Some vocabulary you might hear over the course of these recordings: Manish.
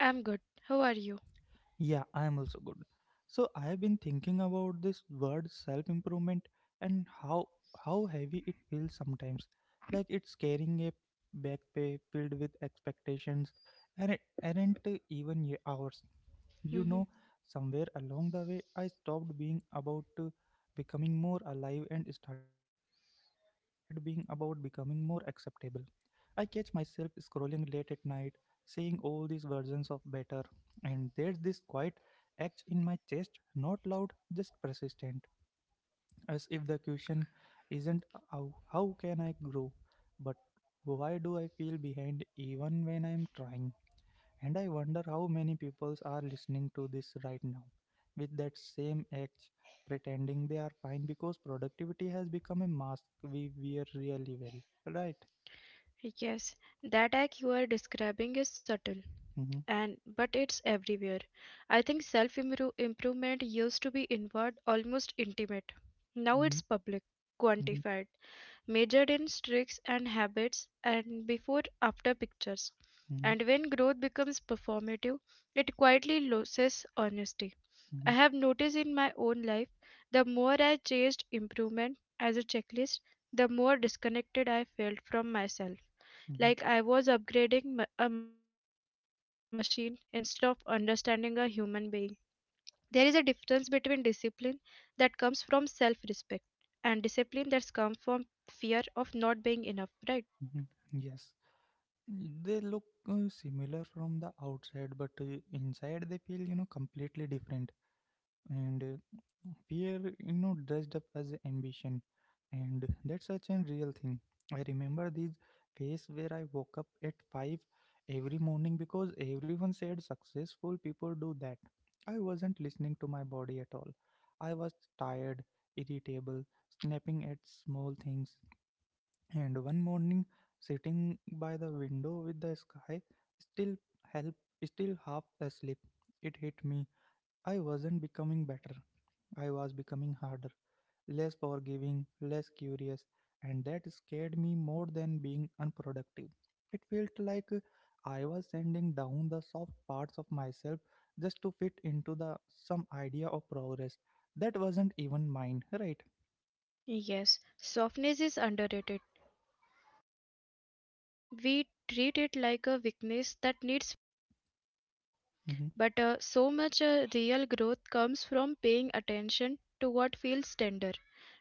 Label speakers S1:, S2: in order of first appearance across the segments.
S1: I'm good. How are you? Hmm. Yes, that act you are describing is subtle and but it's everywhere. I think self-improvement used to be inward, almost intimate. Now it's public, quantified, measured in streaks and habits and before after pictures. And when growth becomes performative, it quietly loses honesty. I have noticed in my own life the more I chased improvement as a checklist, the more disconnected I felt from myself, like I was upgrading a machine instead of understanding a human being. There is a difference between discipline that comes from self respect and discipline that comes from fear of not being enough, right? Yes, softness is underrated. We treat it like a weakness that needs. But so much real growth comes from paying attention to what feels tender,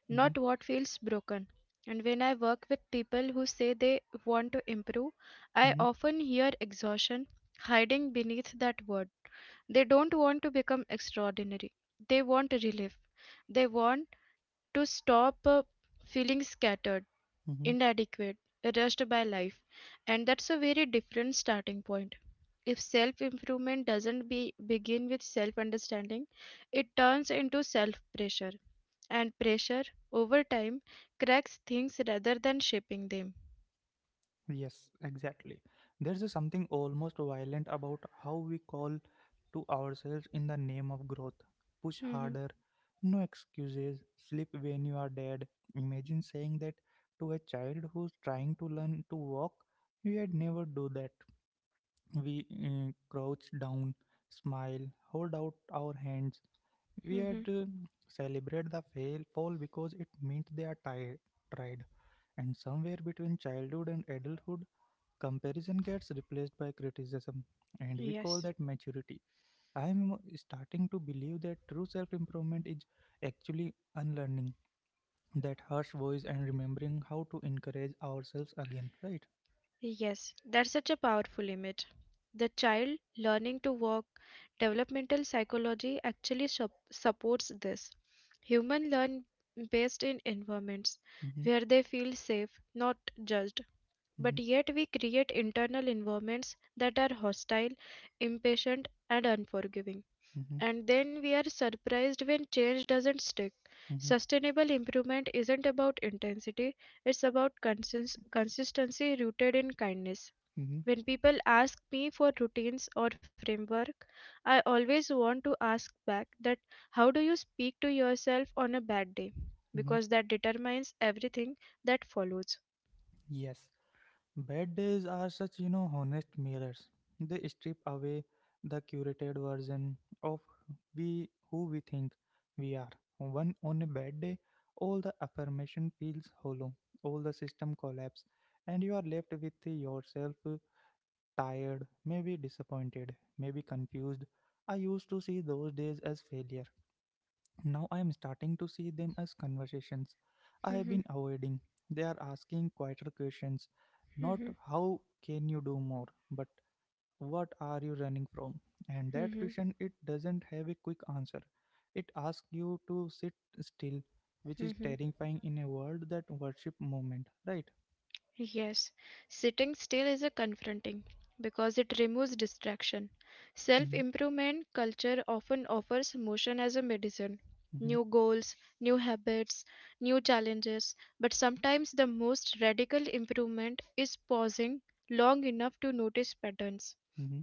S1: not what feels broken. And when I work with people who say they want to improve, I often hear exhaustion hiding beneath that word. They don't want to become extraordinary, they want relief. They want to stop feeling scattered, inadequate, rushed by life. And that's a very different starting point. If self improvement doesn't begin with self understanding, it turns into self pressure. And pressure, over time, cracks things rather than shaping them. Mm-hmm. Mm-hmm. Yes. Yes, that's such a powerful image. The child learning to walk, developmental psychology actually supports this. Human learn best in environments where they feel safe, not judged. But yet we create internal environments that are hostile, impatient, and unforgiving. And then we are surprised when change doesn't stick. Sustainable improvement isn't about intensity, it's about consistency rooted in kindness. When people ask me for routines or framework, I always want to ask back that how do you speak to yourself on a bad day? Because that determines everything that follows. Yes, sitting still is a confronting because it removes distraction. Self improvement culture often offers motion as a medicine. New goals, new habits, new challenges, but sometimes the most radical improvement is pausing long enough to notice patterns.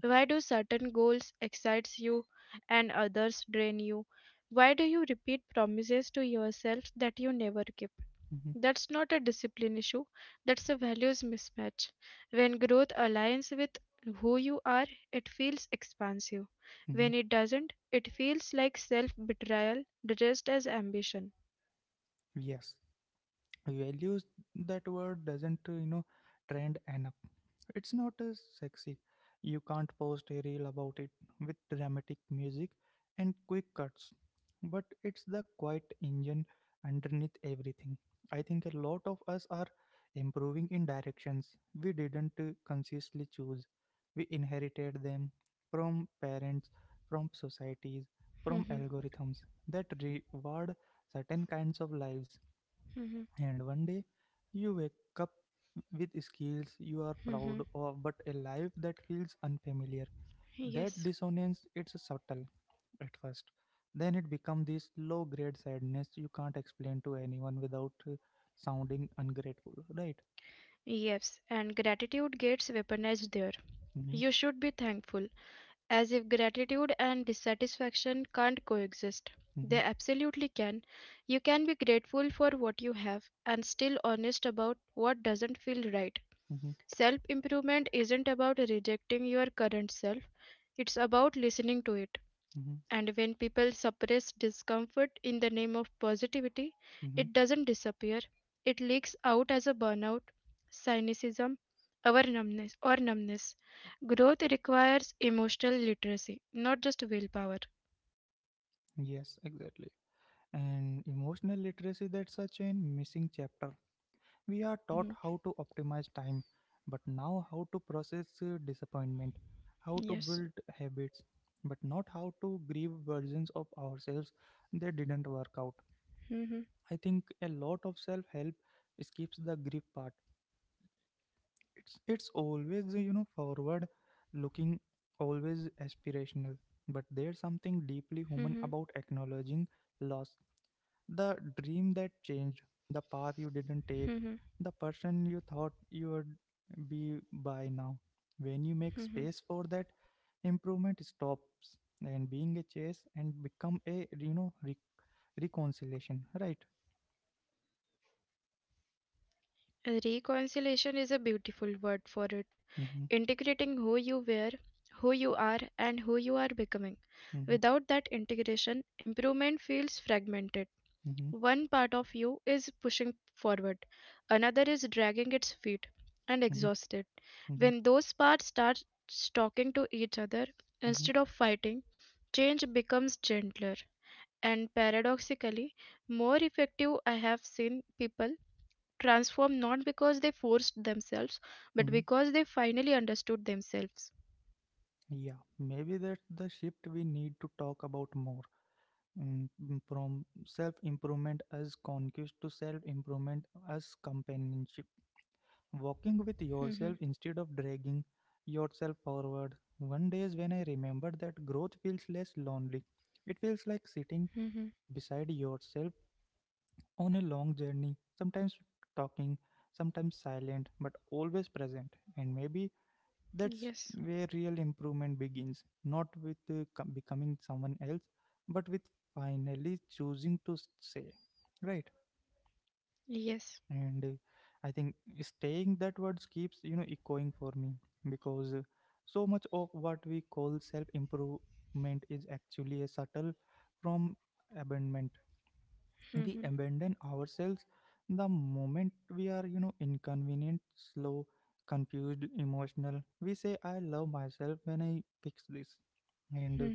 S1: Why do certain goals excite you and others drain you? Why do you repeat promises to yourself that you never keep? That's not a discipline issue, that's a values mismatch. When growth aligns with who you are, it feels expansive. When it doesn't, it feels like self betrayal dressed as ambition. Mhm, mhm, mhm. Yes, yes, and gratitude gets weaponized there. You should be thankful, as if gratitude and dissatisfaction can't coexist. They absolutely can. You can be grateful for what you have and still honest about what doesn't feel right. Self improvement isn't about rejecting your current self, it's about listening to it. And when people suppress discomfort in the name of positivity, it doesn't disappear. It leaks out as a burnout, cynicism, or numbness. Growth requires emotional literacy, not just willpower. Hmm. Yes. Hmm. Hmm. Hmm. Hmm. Reconciliation is a beautiful word for it. Integrating who you were, who you are, and who you are becoming. Without that integration, improvement feels fragmented. One part of you is pushing forward, another is dragging its feet and exhausted. When those parts start talking to each other instead of fighting, change becomes gentler and paradoxically more effective. I have seen people transform not because they forced themselves but because they finally understood themselves. Mhm, mhm. Yes, yes. Mhm, mhm.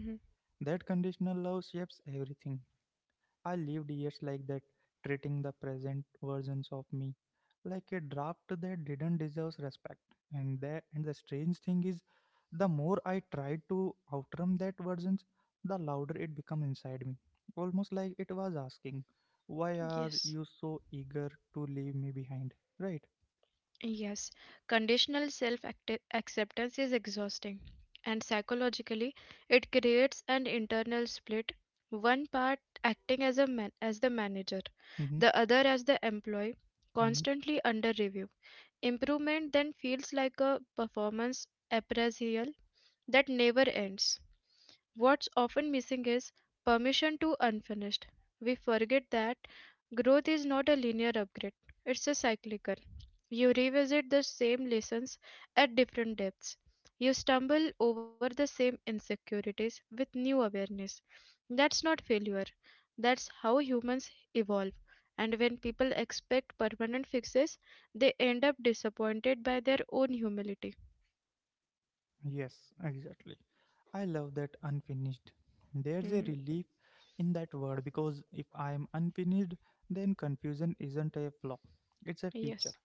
S1: Yes. Yes, conditional self acceptance is exhausting, and psychologically, it creates an internal split, one part acting as the manager, the other as the employee, constantly under review. Improvement then feels like a performance appraisal that never ends. What's often missing is permission to unfinished. We forget that growth is not a linear upgrade, it's a cyclical. You revisit the same lessons at different depths. You stumble over the same insecurities with new awareness. That's not failure. That's how humans evolve. And when people expect permanent fixes, they end up disappointed by their own humility. Mhm. Yes.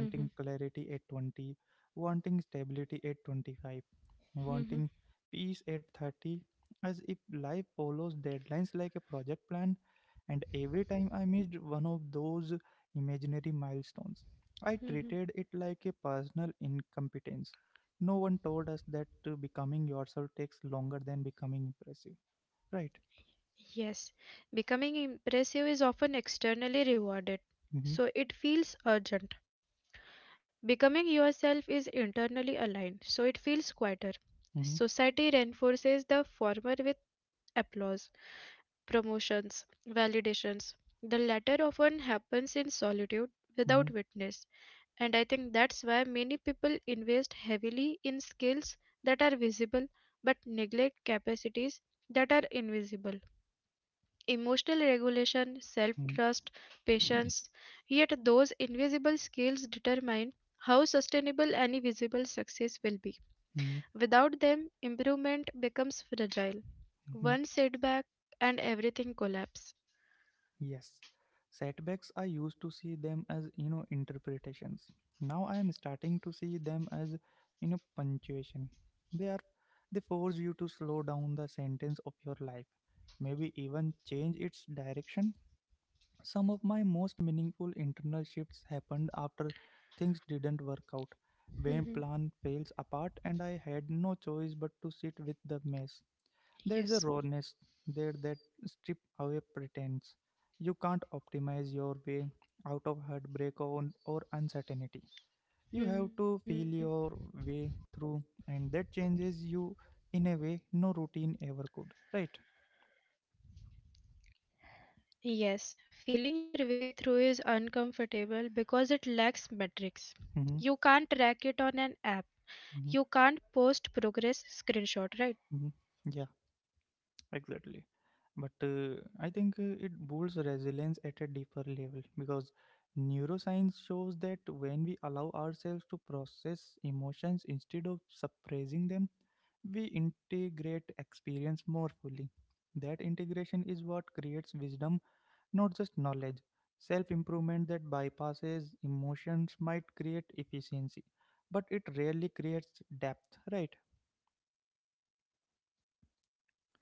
S1: Mhm. Mhm. Mhm. Yes, becoming impressive is often externally rewarded, so it feels urgent. Becoming yourself is internally aligned, so it feels quieter. Society reinforces the former with applause, promotions, validations. The latter often happens in solitude without witness, and I think that's why many people invest heavily in skills that are visible but neglect capacities that are invisible emotional regulation, self trust, patience. Yet, those invisible skills determine how sustainable any visible success will be. Without them, improvement becomes fragile. One setback and everything collapses. Mhm. Yes. Hmm. Yes, feeling your way through is uncomfortable because it lacks metrics. You can't track it on an app. You can't post progress screenshot, right?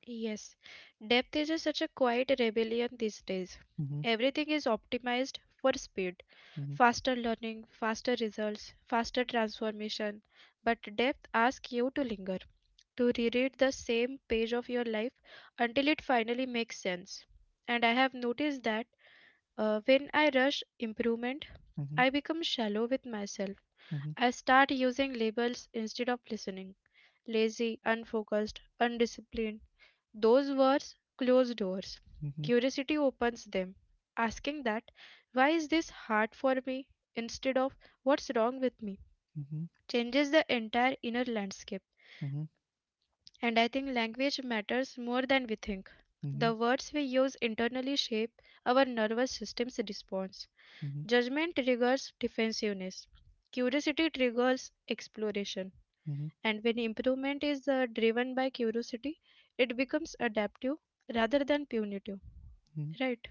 S1: Yes, depth is such a quiet rebellion these days. Everything is optimized for speed, faster learning, faster results, faster transformation. But depth asks you to linger, to reread the same page of your life until it finally makes sense. And I have noticed that when I rush improvement, I become shallow with myself. I start using labels instead of listening lazy, unfocused, undisciplined those words close doors. Curiosity opens them, asking that, why is this hard for me? Instead of what's wrong with me, changes the entire inner landscape. And I think language matters more than we think. The words we use internally shape our nervous system's response. Judgment triggers defensiveness, curiosity triggers exploration. And when improvement is driven by curiosity, it becomes adaptive rather than punitive. Right.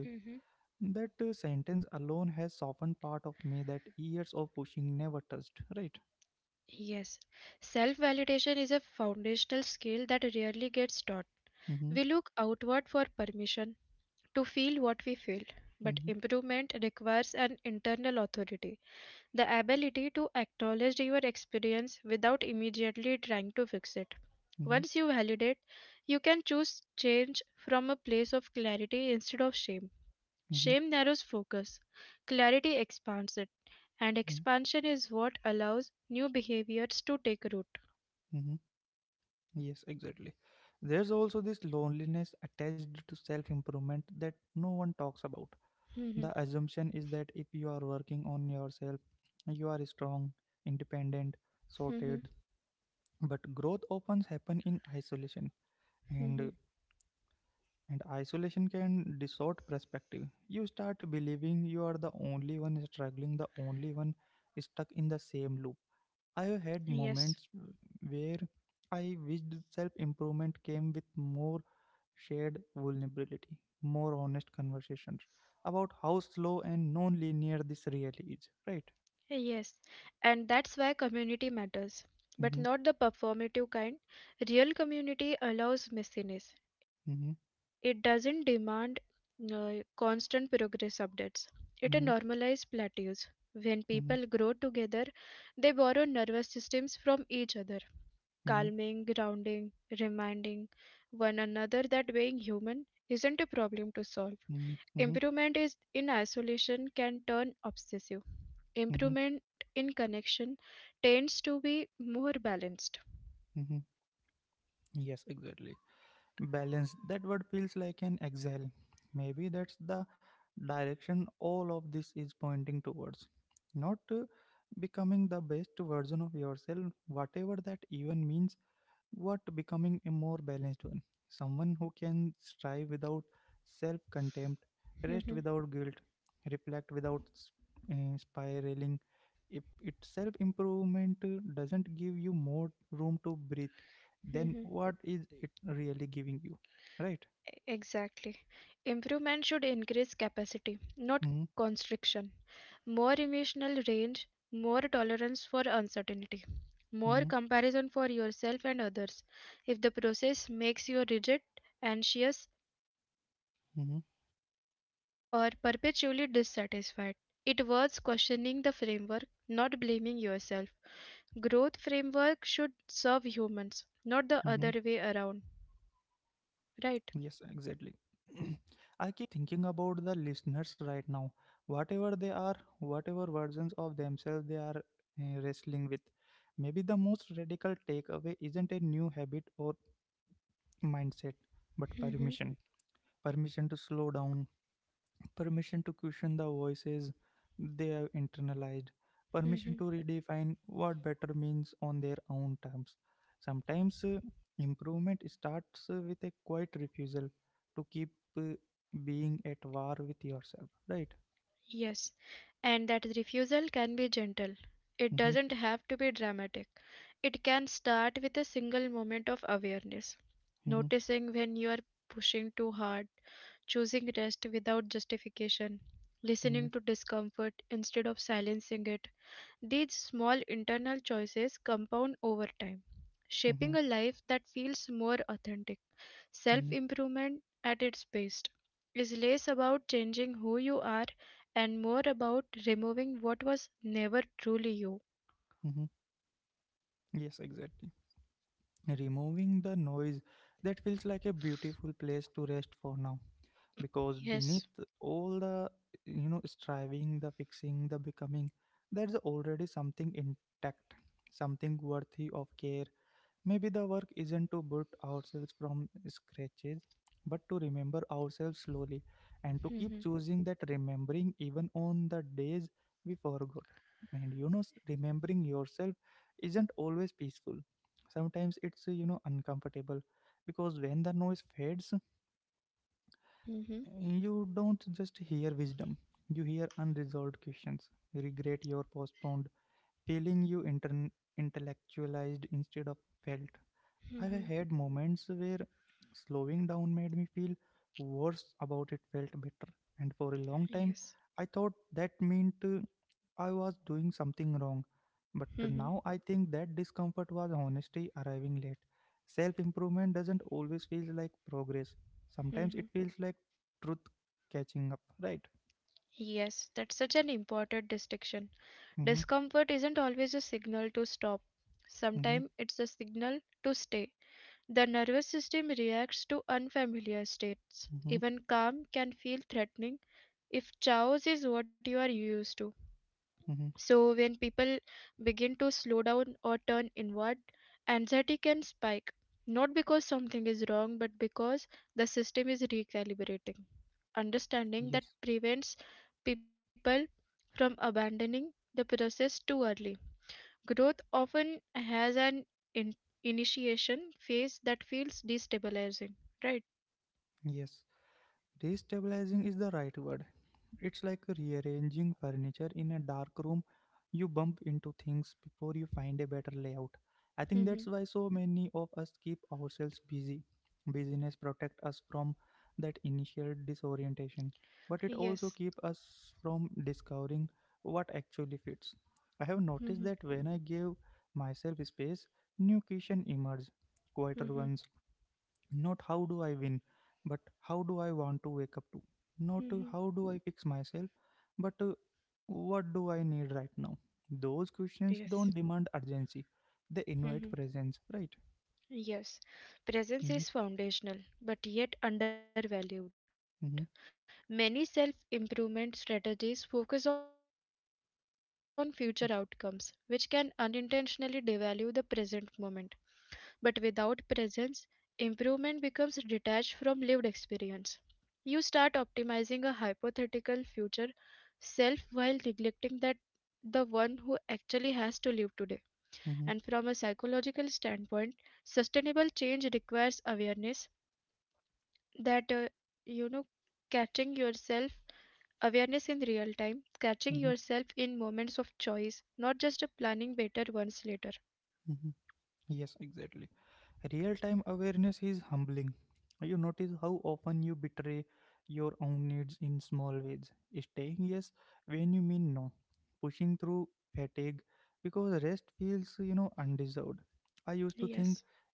S1: Hmm. Yes. Self validation is a foundational skill that rarely gets taught. We look outward for permission to feel what we feel, but improvement requires an internal authority, the ability to acknowledge your experience without immediately trying to fix it. Once you validate, you can choose change from a place of clarity instead of shame. Shame narrows focus, clarity expands it, and expansion is what allows new behaviors to take root. Mhm, mhm, mhm. Yes, yes, and that's why community matters, but not the performative kind. Real community allows messiness. It doesn't demand constant progress updates. It normalizes plateaus. When people grow together, they borrow nervous systems from each other, calming, grounding, reminding one another that being human isn't a problem to solve. Improvement is in isolation can turn obsessive. Improvement in connection tends to be more balanced. Exactly. Improvement should increase capacity, not constriction. More emotional range, more tolerance for uncertainty, more comparison for yourself and others. If the process makes you rigid, anxious, or perpetually dissatisfied, it worth questioning the framework, not blaming yourself. Growth framework should serve humans, not the other way around. Right? Hmm. Hmm. Yes, and that refusal can be gentle. It doesn't have to be dramatic. It can start with a single moment of awareness, noticing when you are pushing too hard, choosing rest without justification, listening to discomfort instead of silencing it. These small internal choices compound over time, shaping a life that feels more authentic. Self-improvement at its best is less about changing who you are and more about removing what was never truly you. Yes. Mhm. Mhm. Mhm. Yes. Mhm. Mhm. Yes, that's such an important distinction. Discomfort isn't always a signal to stop. Sometimes it's a signal to stay. The nervous system reacts to unfamiliar states. Even calm can feel threatening if chaos is what you are used to. So, when people begin to slow down or turn inward, anxiety can spike, not because something is wrong, but because the system is recalibrating. Understanding that prevents people from abandoning the process too early. Growth often has an in- initiation phase that feels destabilizing, right? Hmm. Yes. Hmm. Hmm. Hmm. Yes. Hmm. Yes, presence is foundational but yet undervalued. Many self improvement strategies focus on future outcomes, which can unintentionally devalue the present moment. But without presence, improvement becomes detached from lived experience. You start optimizing a hypothetical future self while neglecting that the one who actually has to live today. And from a psychological standpoint, sustainable change requires awareness that you know catching yourself awareness in real time, catching yourself in moments of choice, not just a planning better ones later. Yes.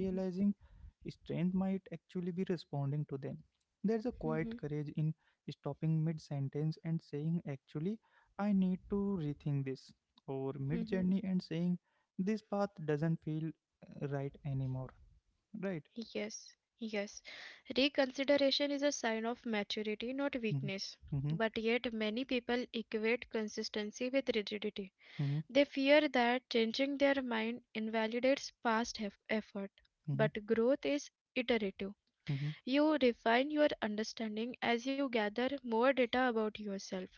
S1: Mhm, mhm, mhm. Yes, yes, reconsideration is a sign of maturity not weakness, but yet many people equate consistency with rigidity. They fear that changing their mind invalidates past effort, but growth is iterative. You refine your understanding as you gather more data about yourself,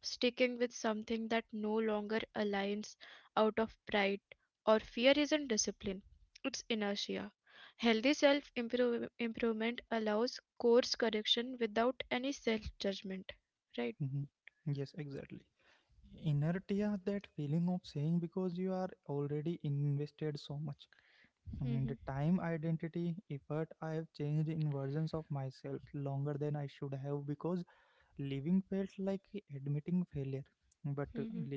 S1: sticking with something that no longer aligns out of pride or fear isn't discipline, it's inertia. Healthy self improvement allows course correction without any self judgment, right? Hmm. Hmm.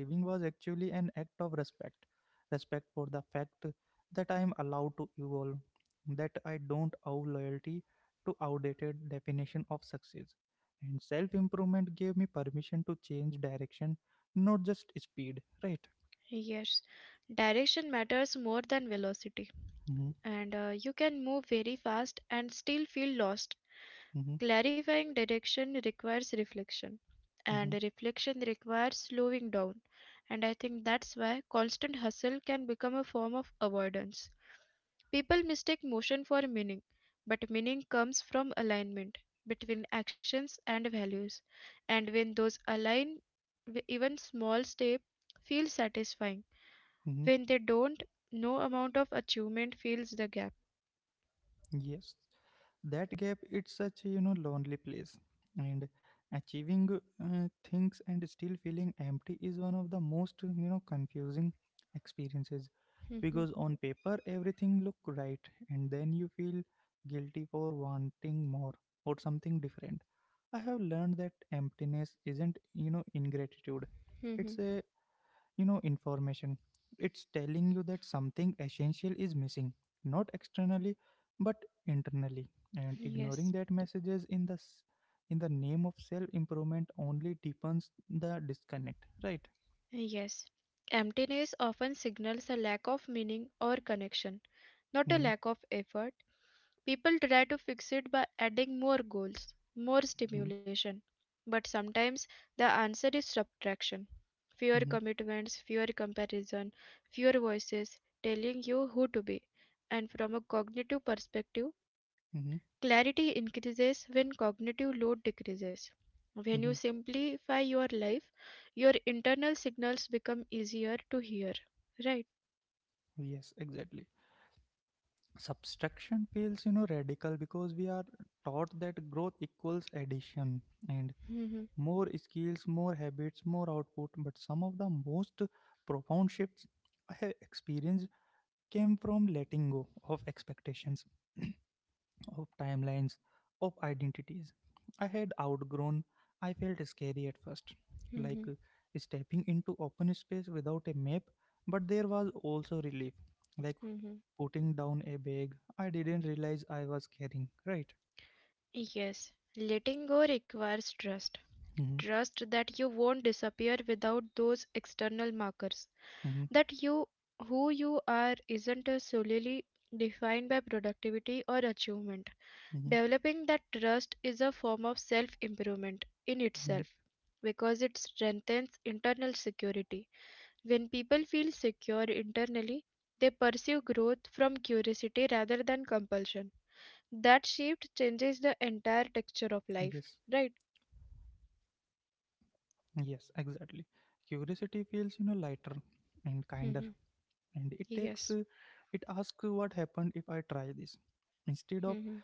S1: Yes, direction matters more than velocity, and you can move very fast and still feel lost. Clarifying direction requires reflection, and reflection requires slowing down. And I think that's why constant hustle can become a form of avoidance. People mistake motion for meaning, but meaning comes from alignment between actions and values. And when those align, even small step feels satisfying. When they don't, no amount of achievement fills the gap. Mhm, mhm. Yes. Yes, emptiness often signals a lack of meaning or connection, not a lack of effort. People try to fix it by adding more goals, more stimulation. But sometimes the answer is subtraction. Fewer commitments, fewer comparison, fewer voices telling you who to be. And from a cognitive perspective, clarity increases when cognitive load decreases. When you simplify your life, your internal signals become easier to hear, right? Mhm, mhm, mhm. Yes, letting go requires trust. Trust that you won't disappear without those external markers. That you, who you are, isn't solely defined by productivity or achievement. Developing that trust is a form of self improvement in itself because it strengthens internal security. When people feel secure internally, they pursue growth from curiosity rather than compulsion. That shift changes the entire texture of life, right? Hmm. Yes. Hmm.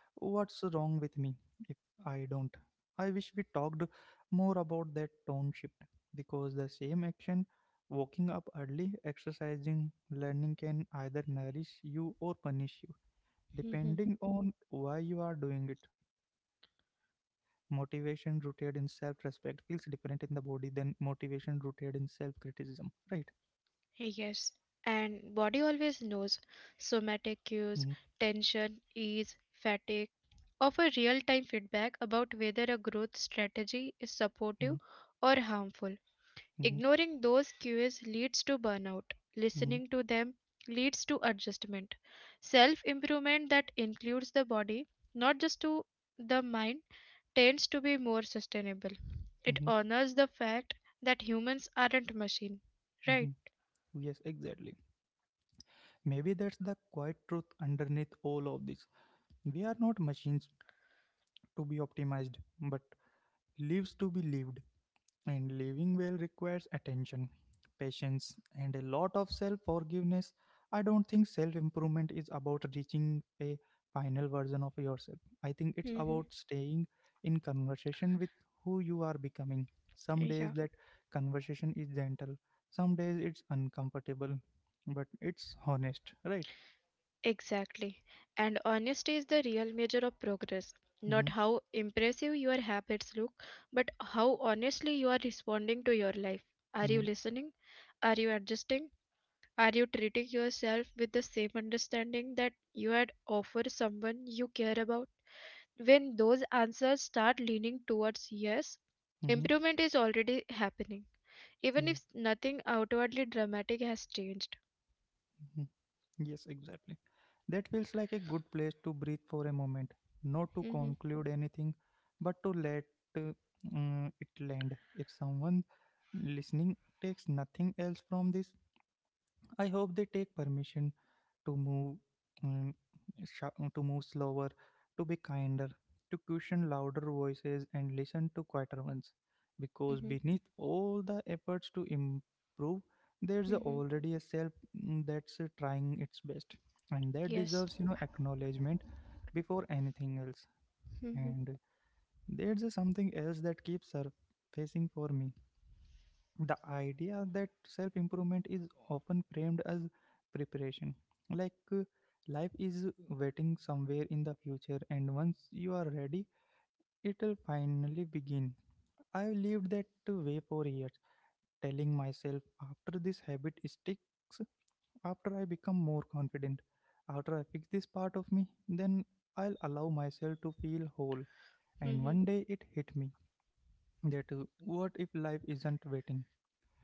S1: Yes, and body always knows somatic cues, tension, ease, fatigue offer real-time feedback about whether a growth strategy is supportive or harmful. Ignoring those cues leads to burnout. Listening to them leads to adjustment. Self-improvement that includes the body, not just to the mind, tends to be more sustainable. It honors the fact that humans aren't machine, right? Yeah, exactly. And honesty is the real measure of progress. Not how impressive your habits look, but how honestly you are responding to your life. Are you listening? Are you adjusting? Are you treating yourself with the same understanding that you had offered someone you care about? When those answers start leaning towards yes, improvement is already happening, even if nothing outwardly dramatic has changed. Hmm. Hmm. Hmm. Yes. Mhm, mhm,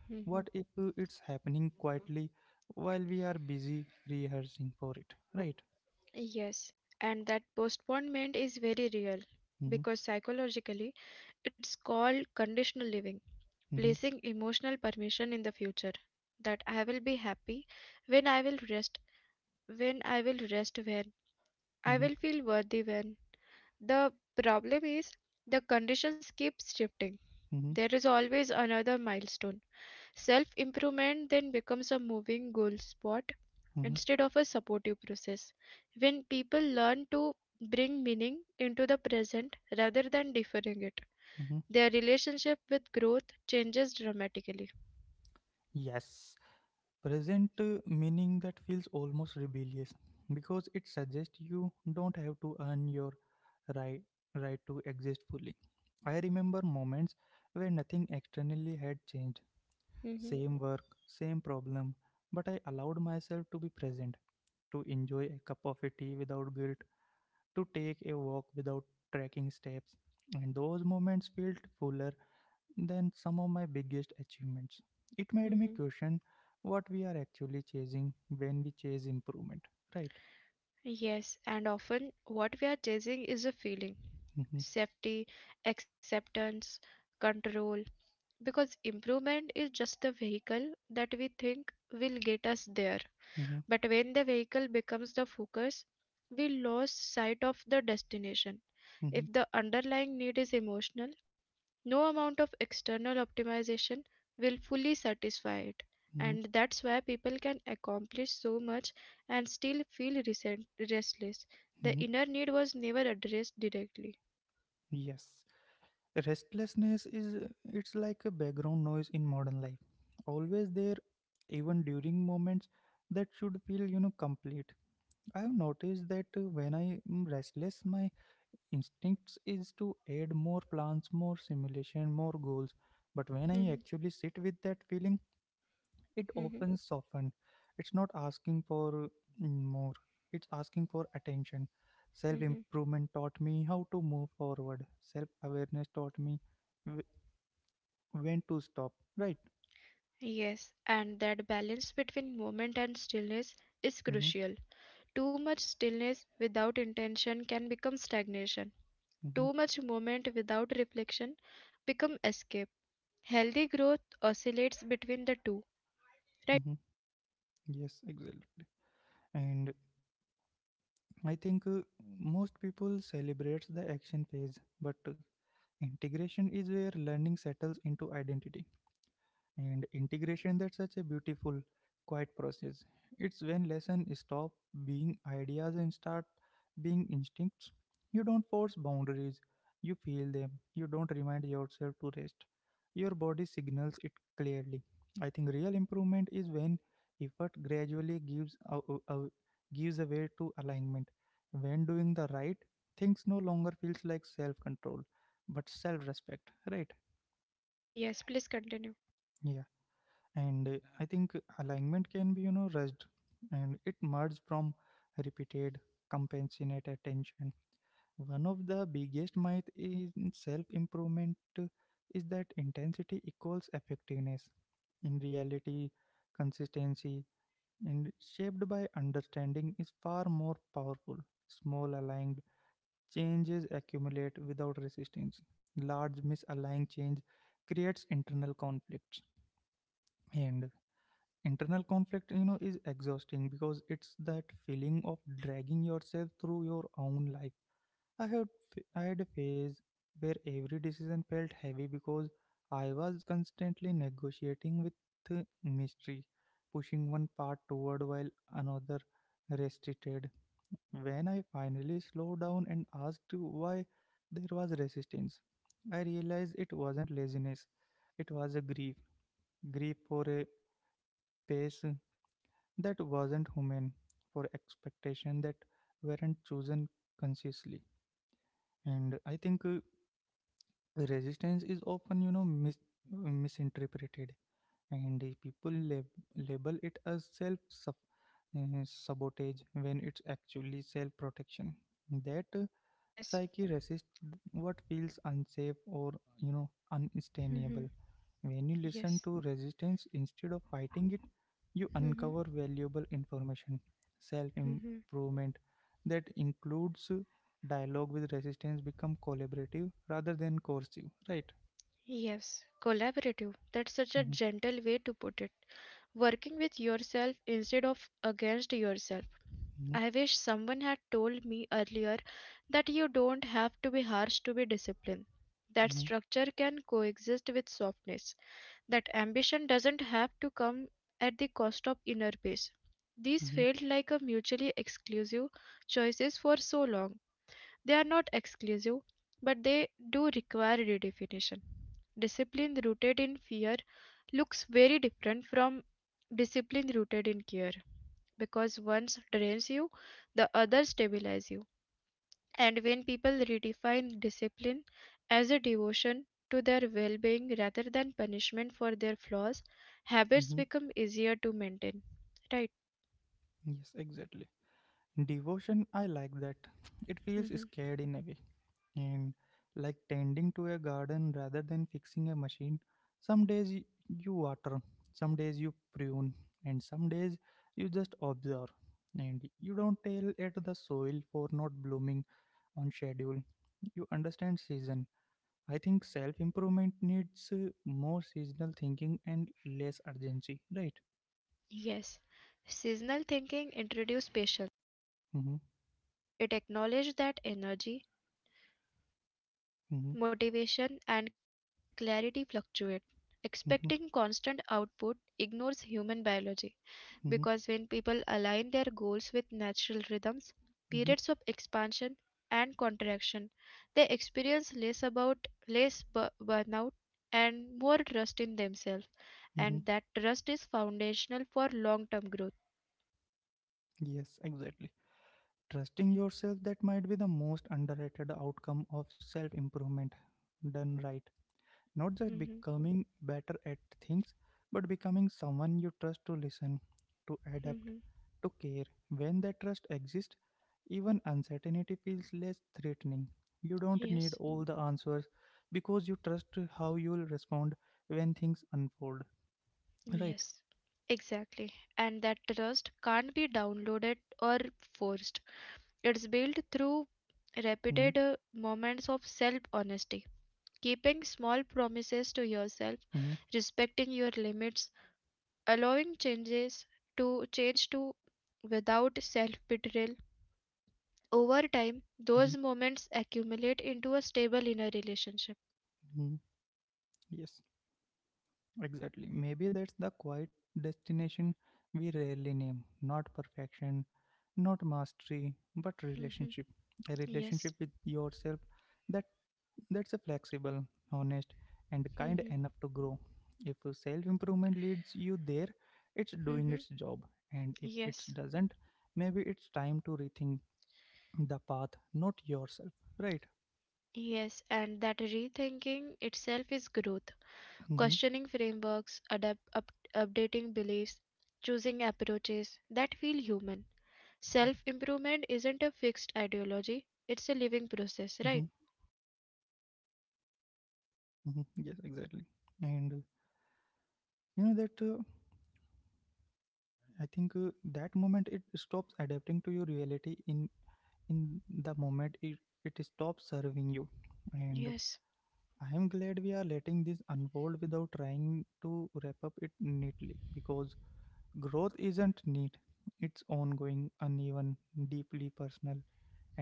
S1: mhm. Yes, and that postponement is very real because psychologically it's called conditional living, placing emotional permission in the future, that I will be happy when I will rest, when I will feel worthy. When the problem is the conditions keep shifting, there is always another milestone. Self improvement then becomes a moving goal spot instead of a supportive process. When people learn to bring meaning into the present rather than deferring it, their relationship with growth changes dramatically. Mhm, mhm. Yes, and often what we are chasing is a feeling, safety, acceptance, control, because improvement is just the vehicle that we think will get us there. But when the vehicle becomes the focus, we lose sight of the destination. If the underlying need is emotional, no amount of external optimization will fully satisfy it. And that's why people can accomplish so much and still feel restless. The inner need was never addressed directly. Mhm, mhm, mhm. Yes, and that balance between movement and stillness is crucial. Too much stillness without intention can become stagnation. Too much movement without reflection become escape. Healthy growth oscillates between the two. Right? Yes, please continue. Yes. Mhm. Yes. Mhm. Mhm. Yes. Collaborative. That's such a gentle way to put it. Working with yourself instead of against yourself. I wish someone had told me earlier that you don't have to be harsh to be disciplined, that structure can coexist with softness, that ambition doesn't have to come at the cost of inner peace. These felt like a mutually exclusive choices for so long. They are not exclusive, but they do require redefinition. Discipline rooted in fear looks very different from discipline rooted in care because one drains you, the other stabilizes you. And when people redefine discipline as a devotion to their well being rather than punishment for their flaws, habits become easier to maintain. Right? Hmm. Yes. Seasonal thinking introduces patience. It acknowledged that energy, motivation, and clarity fluctuate. Expecting constant output ignores human biology because when people align their goals with natural rhythms, periods of expansion and contraction, they experience less burnout and more trust in themselves, and that trust is foundational for long-term growth. Mhm, mhm. Yes. Yes, exactly. And that trust can't be downloaded or forced. It's built through repeated moments of self honesty, keeping small promises to yourself, respecting your limits, allowing changes to change to without self betrayal. Over time, those moments accumulate into a stable inner relationship. Hmm. Yes. Hmm. Hmm. Yes. Yes, and that rethinking itself is growth. Questioning frameworks, updating beliefs, choosing approaches that feel human. Self improvement isn't a fixed ideology, it's a living process, right? Yes.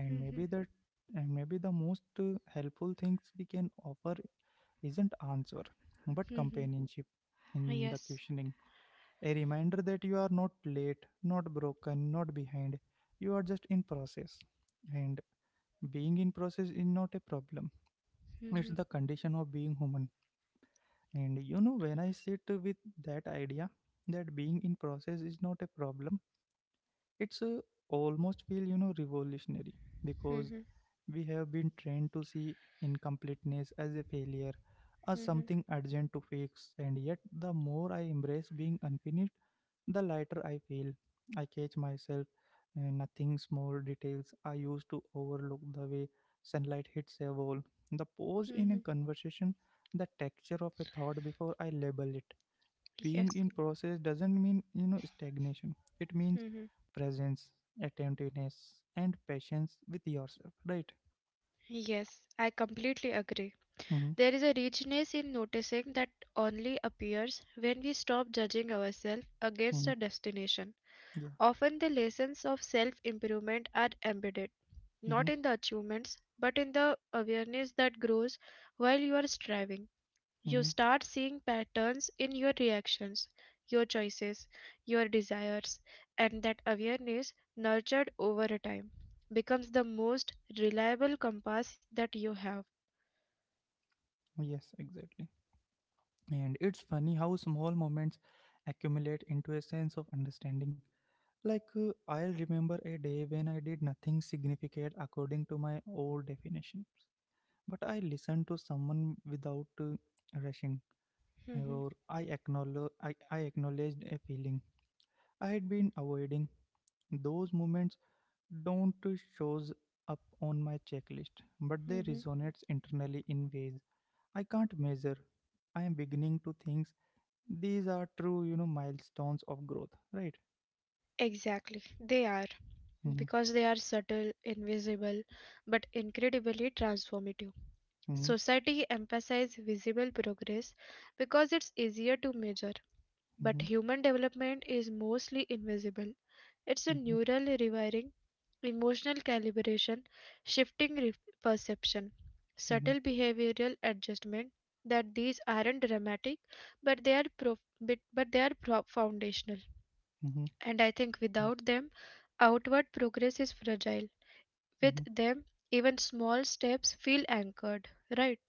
S1: Mhm. Mhm. Yes. Mhm. Mhm. Mhm. Mhm. Yes. Mhm. Yes, I completely agree. There is a richness in noticing that only appears when we stop judging ourselves against a destination. Often the lessons of self improvement are embedded, not in the achievements, but in the awareness that grows while you are striving. You start seeing patterns in your reactions, your choices, your desires, and that awareness, nurtured over a time, becomes the most reliable compass that you have. Hmm. Hmm. Exactly, they are because they are subtle, invisible, but incredibly transformative. Society emphasizes visible progress because it's easier to measure, but human development is mostly invisible. It's a neural rewiring, emotional calibration, shifting re- perception, subtle behavioral adjustment, that these aren't dramatic but they are foundational, and I think without them outward progress is fragile, with them even small steps feel anchored, right?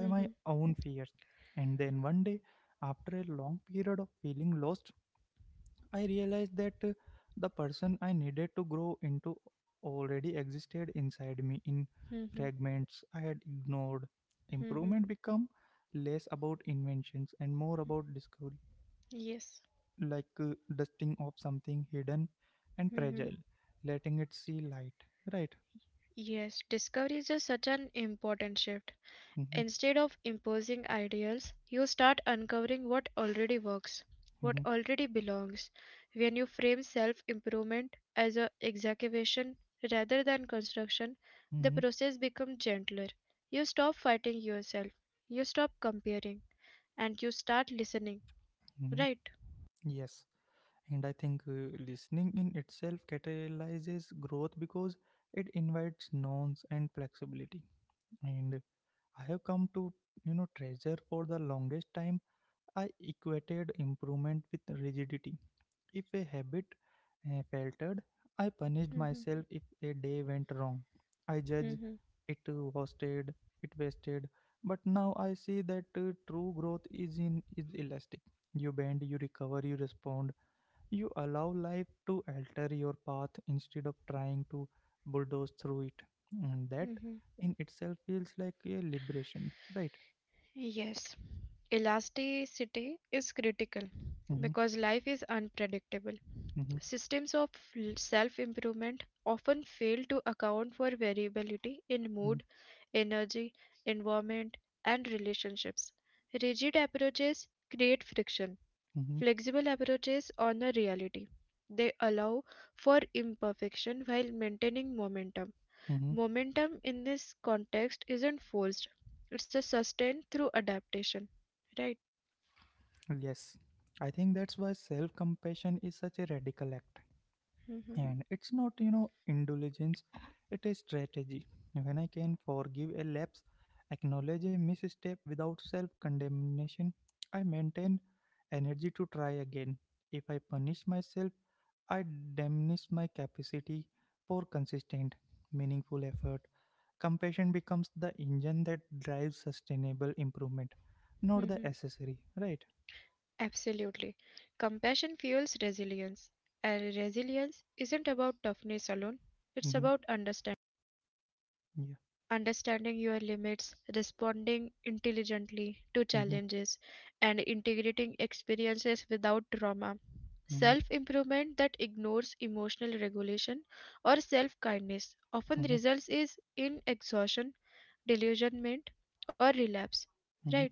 S1: Hmm. Mm-hmm. Mm-hmm. Yes. Mm-hmm. Yes, discovery is just such an important shift. Instead of imposing ideals, you start uncovering what already works, what already belongs. When you frame self improvement as a excavation rather than construction, the process becomes gentler. You stop fighting yourself, you stop comparing, and you start listening. Right? Mm-hmm. Mm-hmm. Mm-hmm. Yes. Elasticity is critical because life is unpredictable. Systems of self improvement often fail to account for variability in mood, energy, environment, and relationships. Rigid approaches create friction, flexible approaches honor reality. They allow for imperfection while maintaining momentum. Momentum in this context isn't forced, it's a sustained through adaptation, right? Mhm, mhm. Absolutely. Compassion fuels resilience, and resilience isn't about toughness alone, it's about understanding your limits, responding intelligently to challenges, and integrating experiences without trauma. Self improvement that ignores emotional regulation or self kindness often results is in exhaustion, delusionment, or relapse. Right?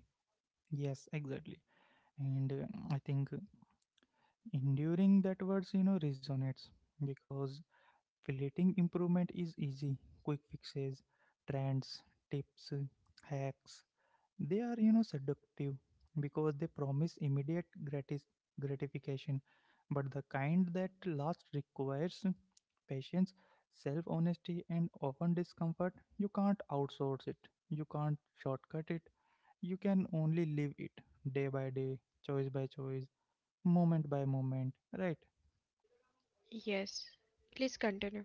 S1: Yes. Please continue.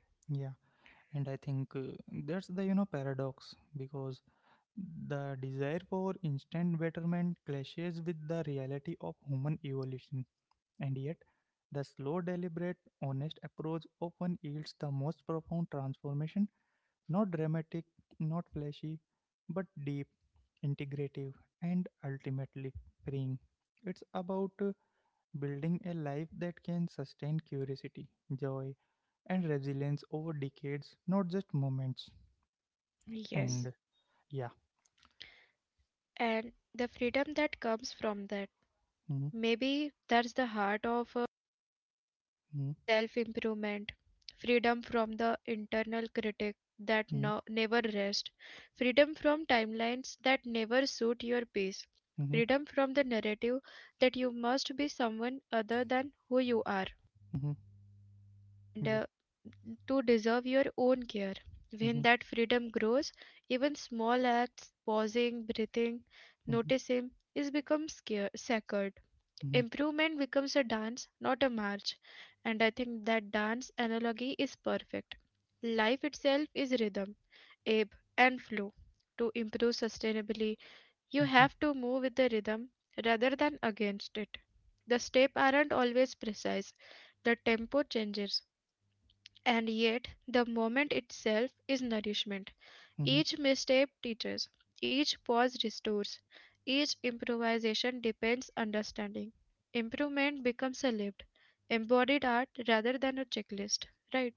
S1: Yes, and the freedom that comes from that. Maybe that's the heart of self improvement, freedom from the internal critic that no, never rests, freedom from timelines that never suit your pace, freedom from the narrative that you must be someone other than who you are, and to deserve your own care. When that freedom grows, even small acts, pausing, breathing, noticing, is become sacred. Improvement becomes a dance, not a march. And I think that dance analogy is perfect. Life itself is rhythm, ebb, and flow. To improve sustainably, you have to move with the rhythm rather than against it. The steps aren't always precise, the tempo changes, and yet the moment itself is nourishment. Each misstep teaches, each pause restores, each improvisation depends understanding. Improvement becomes a lived, embodied art rather than a checklist, right?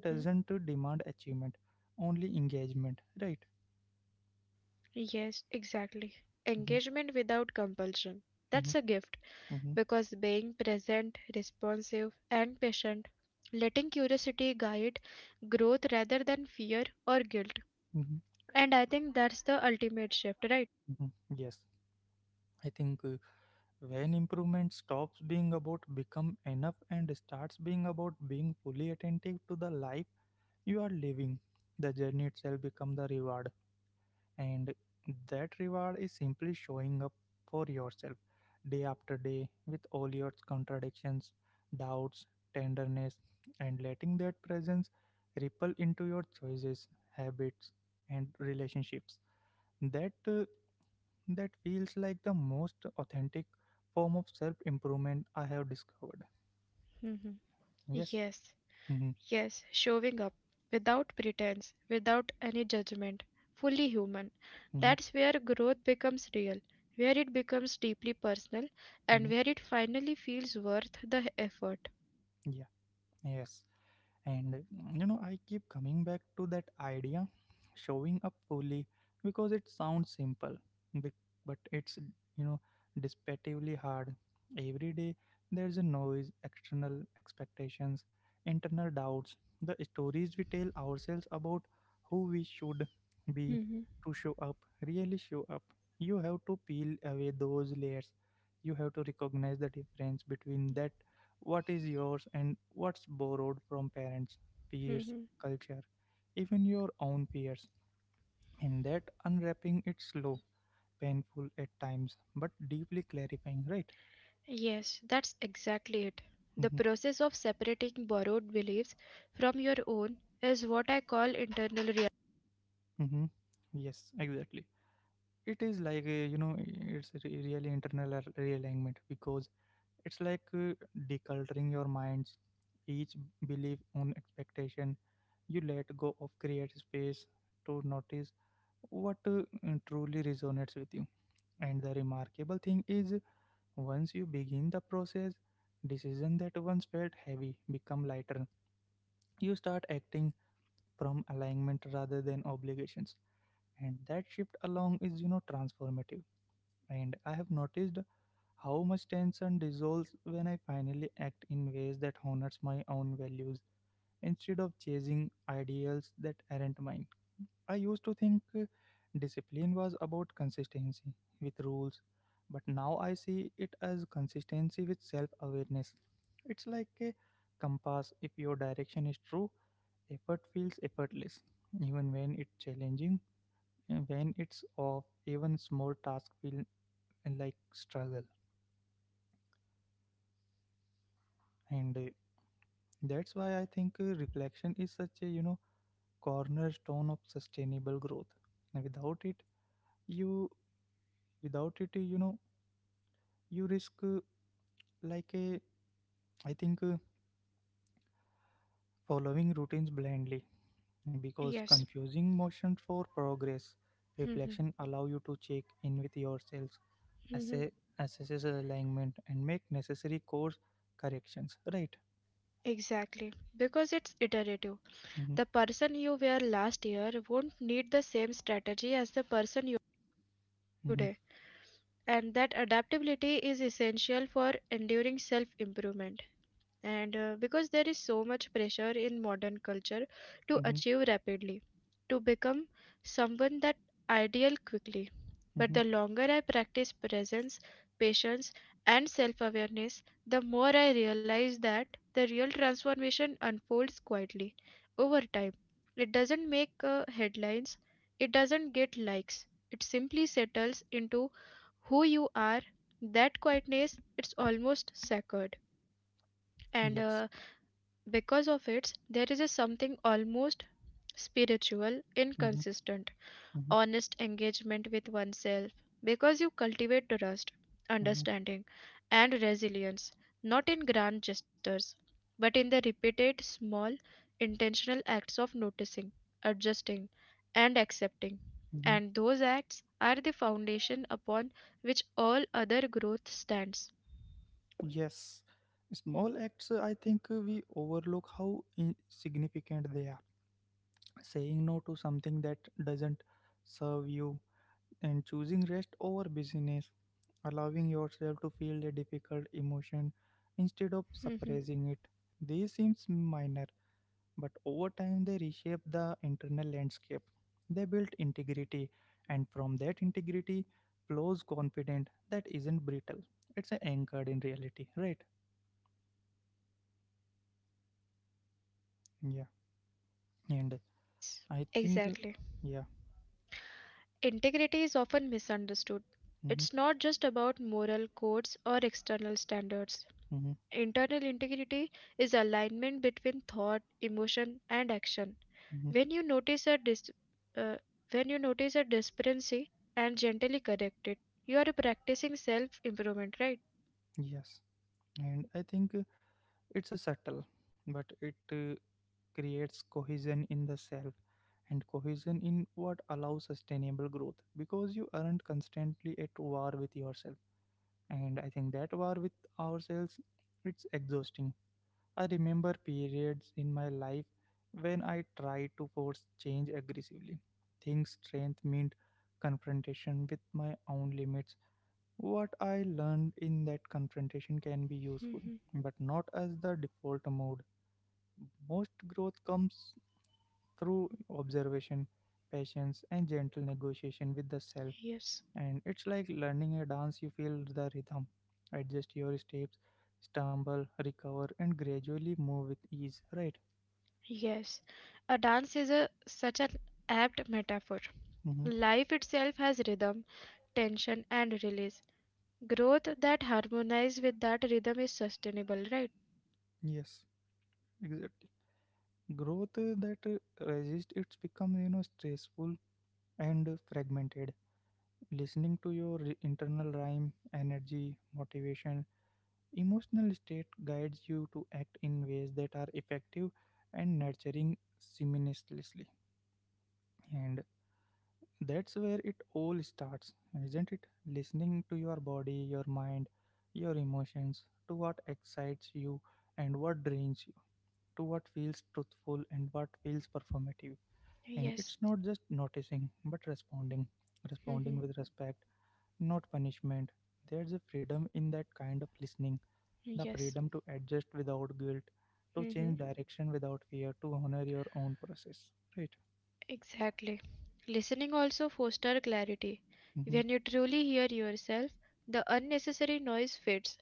S1: Hmm. Yes, exactly. Engagement without compulsion. That's a gift because being present, responsive, and patient, letting curiosity guide growth rather than fear or guilt. And I think that's the ultimate shift, right? Hmm. Yes. Yes, showing up without pretense, without any judgment, fully human. That's where growth becomes real, where it becomes deeply personal, and where it finally feels worth the effort. Mhm, mhm. Yes, that's exactly it. The process of separating borrowed beliefs from your own is what I call internal reality. Yes. Mhm. Mhm. Exactly, because it's iterative. The person you were last year won't need the same strategy as the person you are today, and that adaptability is essential for enduring self improvement, and because there is so much pressure in modern culture to achieve rapidly, to become someone that ideal quickly, but the longer I practice presence, patience, and self awareness, the more I realize that the real transformation unfolds quietly over time. It doesn't make headlines, it doesn't get likes, it simply settles into who you are. That quietness, it's almost sacred, and because of it, there is a something almost spiritual, inconsistent, honest engagement with oneself. Because you cultivate trust, understanding, and resilience, not in grand gestures, but in the repeated small, intentional acts of noticing, adjusting, and accepting. And those acts are the foundation upon which all other growth stands. Yes, exactly. Integrity is often misunderstood. It's not just about moral codes or external standards. Internal integrity is alignment between thought, emotion, and action. When you notice a dis- uh, when you notice a discrepancy and gently correct it, you are practicing self improvement, right? Mhm. Yes. Yes. A dance is a such an apt metaphor. Life itself has rhythm, tension, and release. Growth that harmonize with that rhythm is sustainable, right? Yes. Hmm. Yes. Hmm. Exactly. Listening also foster clarity. When you truly hear yourself, the unnecessary noise fades.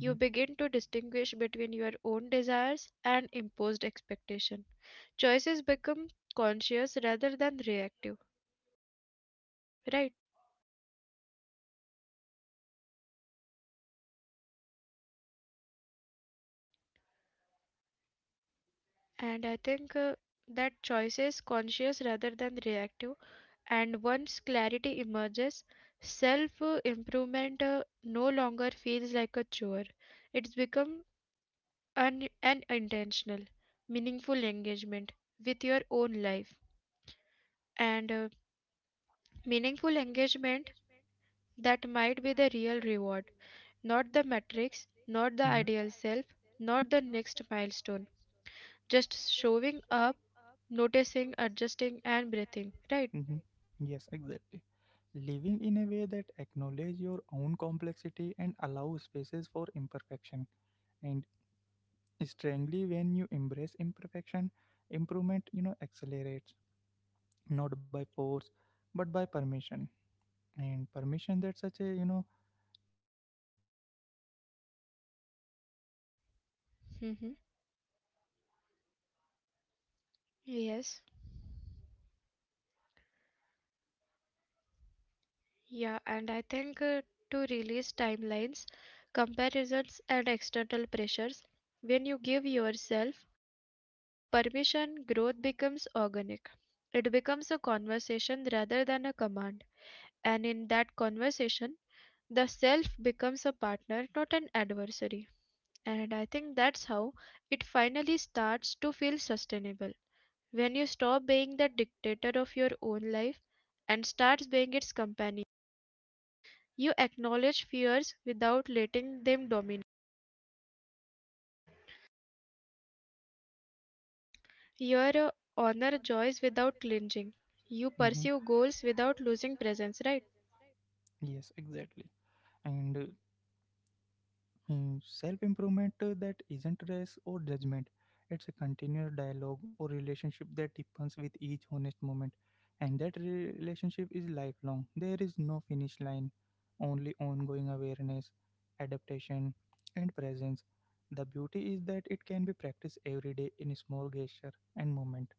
S1: You begin to distinguish between your own desires and imposed expectation. Choices become conscious rather than reactive, right? And I think that choice is conscious rather than reactive. And once clarity emerges, self improvement no longer feels like a chore. It's become an intentional, meaningful engagement with your own life. And meaningful engagement, that might be the real reward, not the metrics, not the ideal self, not the next milestone. Just showing up, noticing, adjusting, and breathing, right? Mm-hmm. Yes. Yeah, and I think to release timelines, comparisons, and external pressures, when you give yourself the permission, growth becomes organic. It becomes a conversation rather than a command. And in that conversation, the self becomes a partner, not an adversary. And I think that's how it finally starts to feel sustainable. When you stop being the dictator of your own life and starts being its companion, you acknowledge fears without letting them dominate. You honor joys without clinging. You
S2: Hmm.
S1: pursue goals without losing presence, right?
S2: Yes, exactly. And Self improvement that isn't race or judgment. It's a continuous dialogue or relationship that deepens with each honest moment. And that relationship is lifelong. There is no finish line, only ongoing awareness, adaptation, and presence. The beauty is that it can be practiced every day in a small gesture and moment.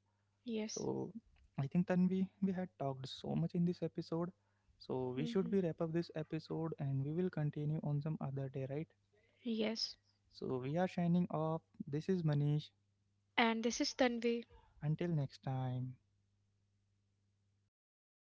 S1: Yes.
S2: So I think then we had talked so much in this episode. So we should
S1: Hmm.
S2: be wrap up this episode and we will continue on some other day, right?
S1: Yes.
S2: So we are signing off. This is Manish.
S1: And this is Tanvi.
S2: Until next time.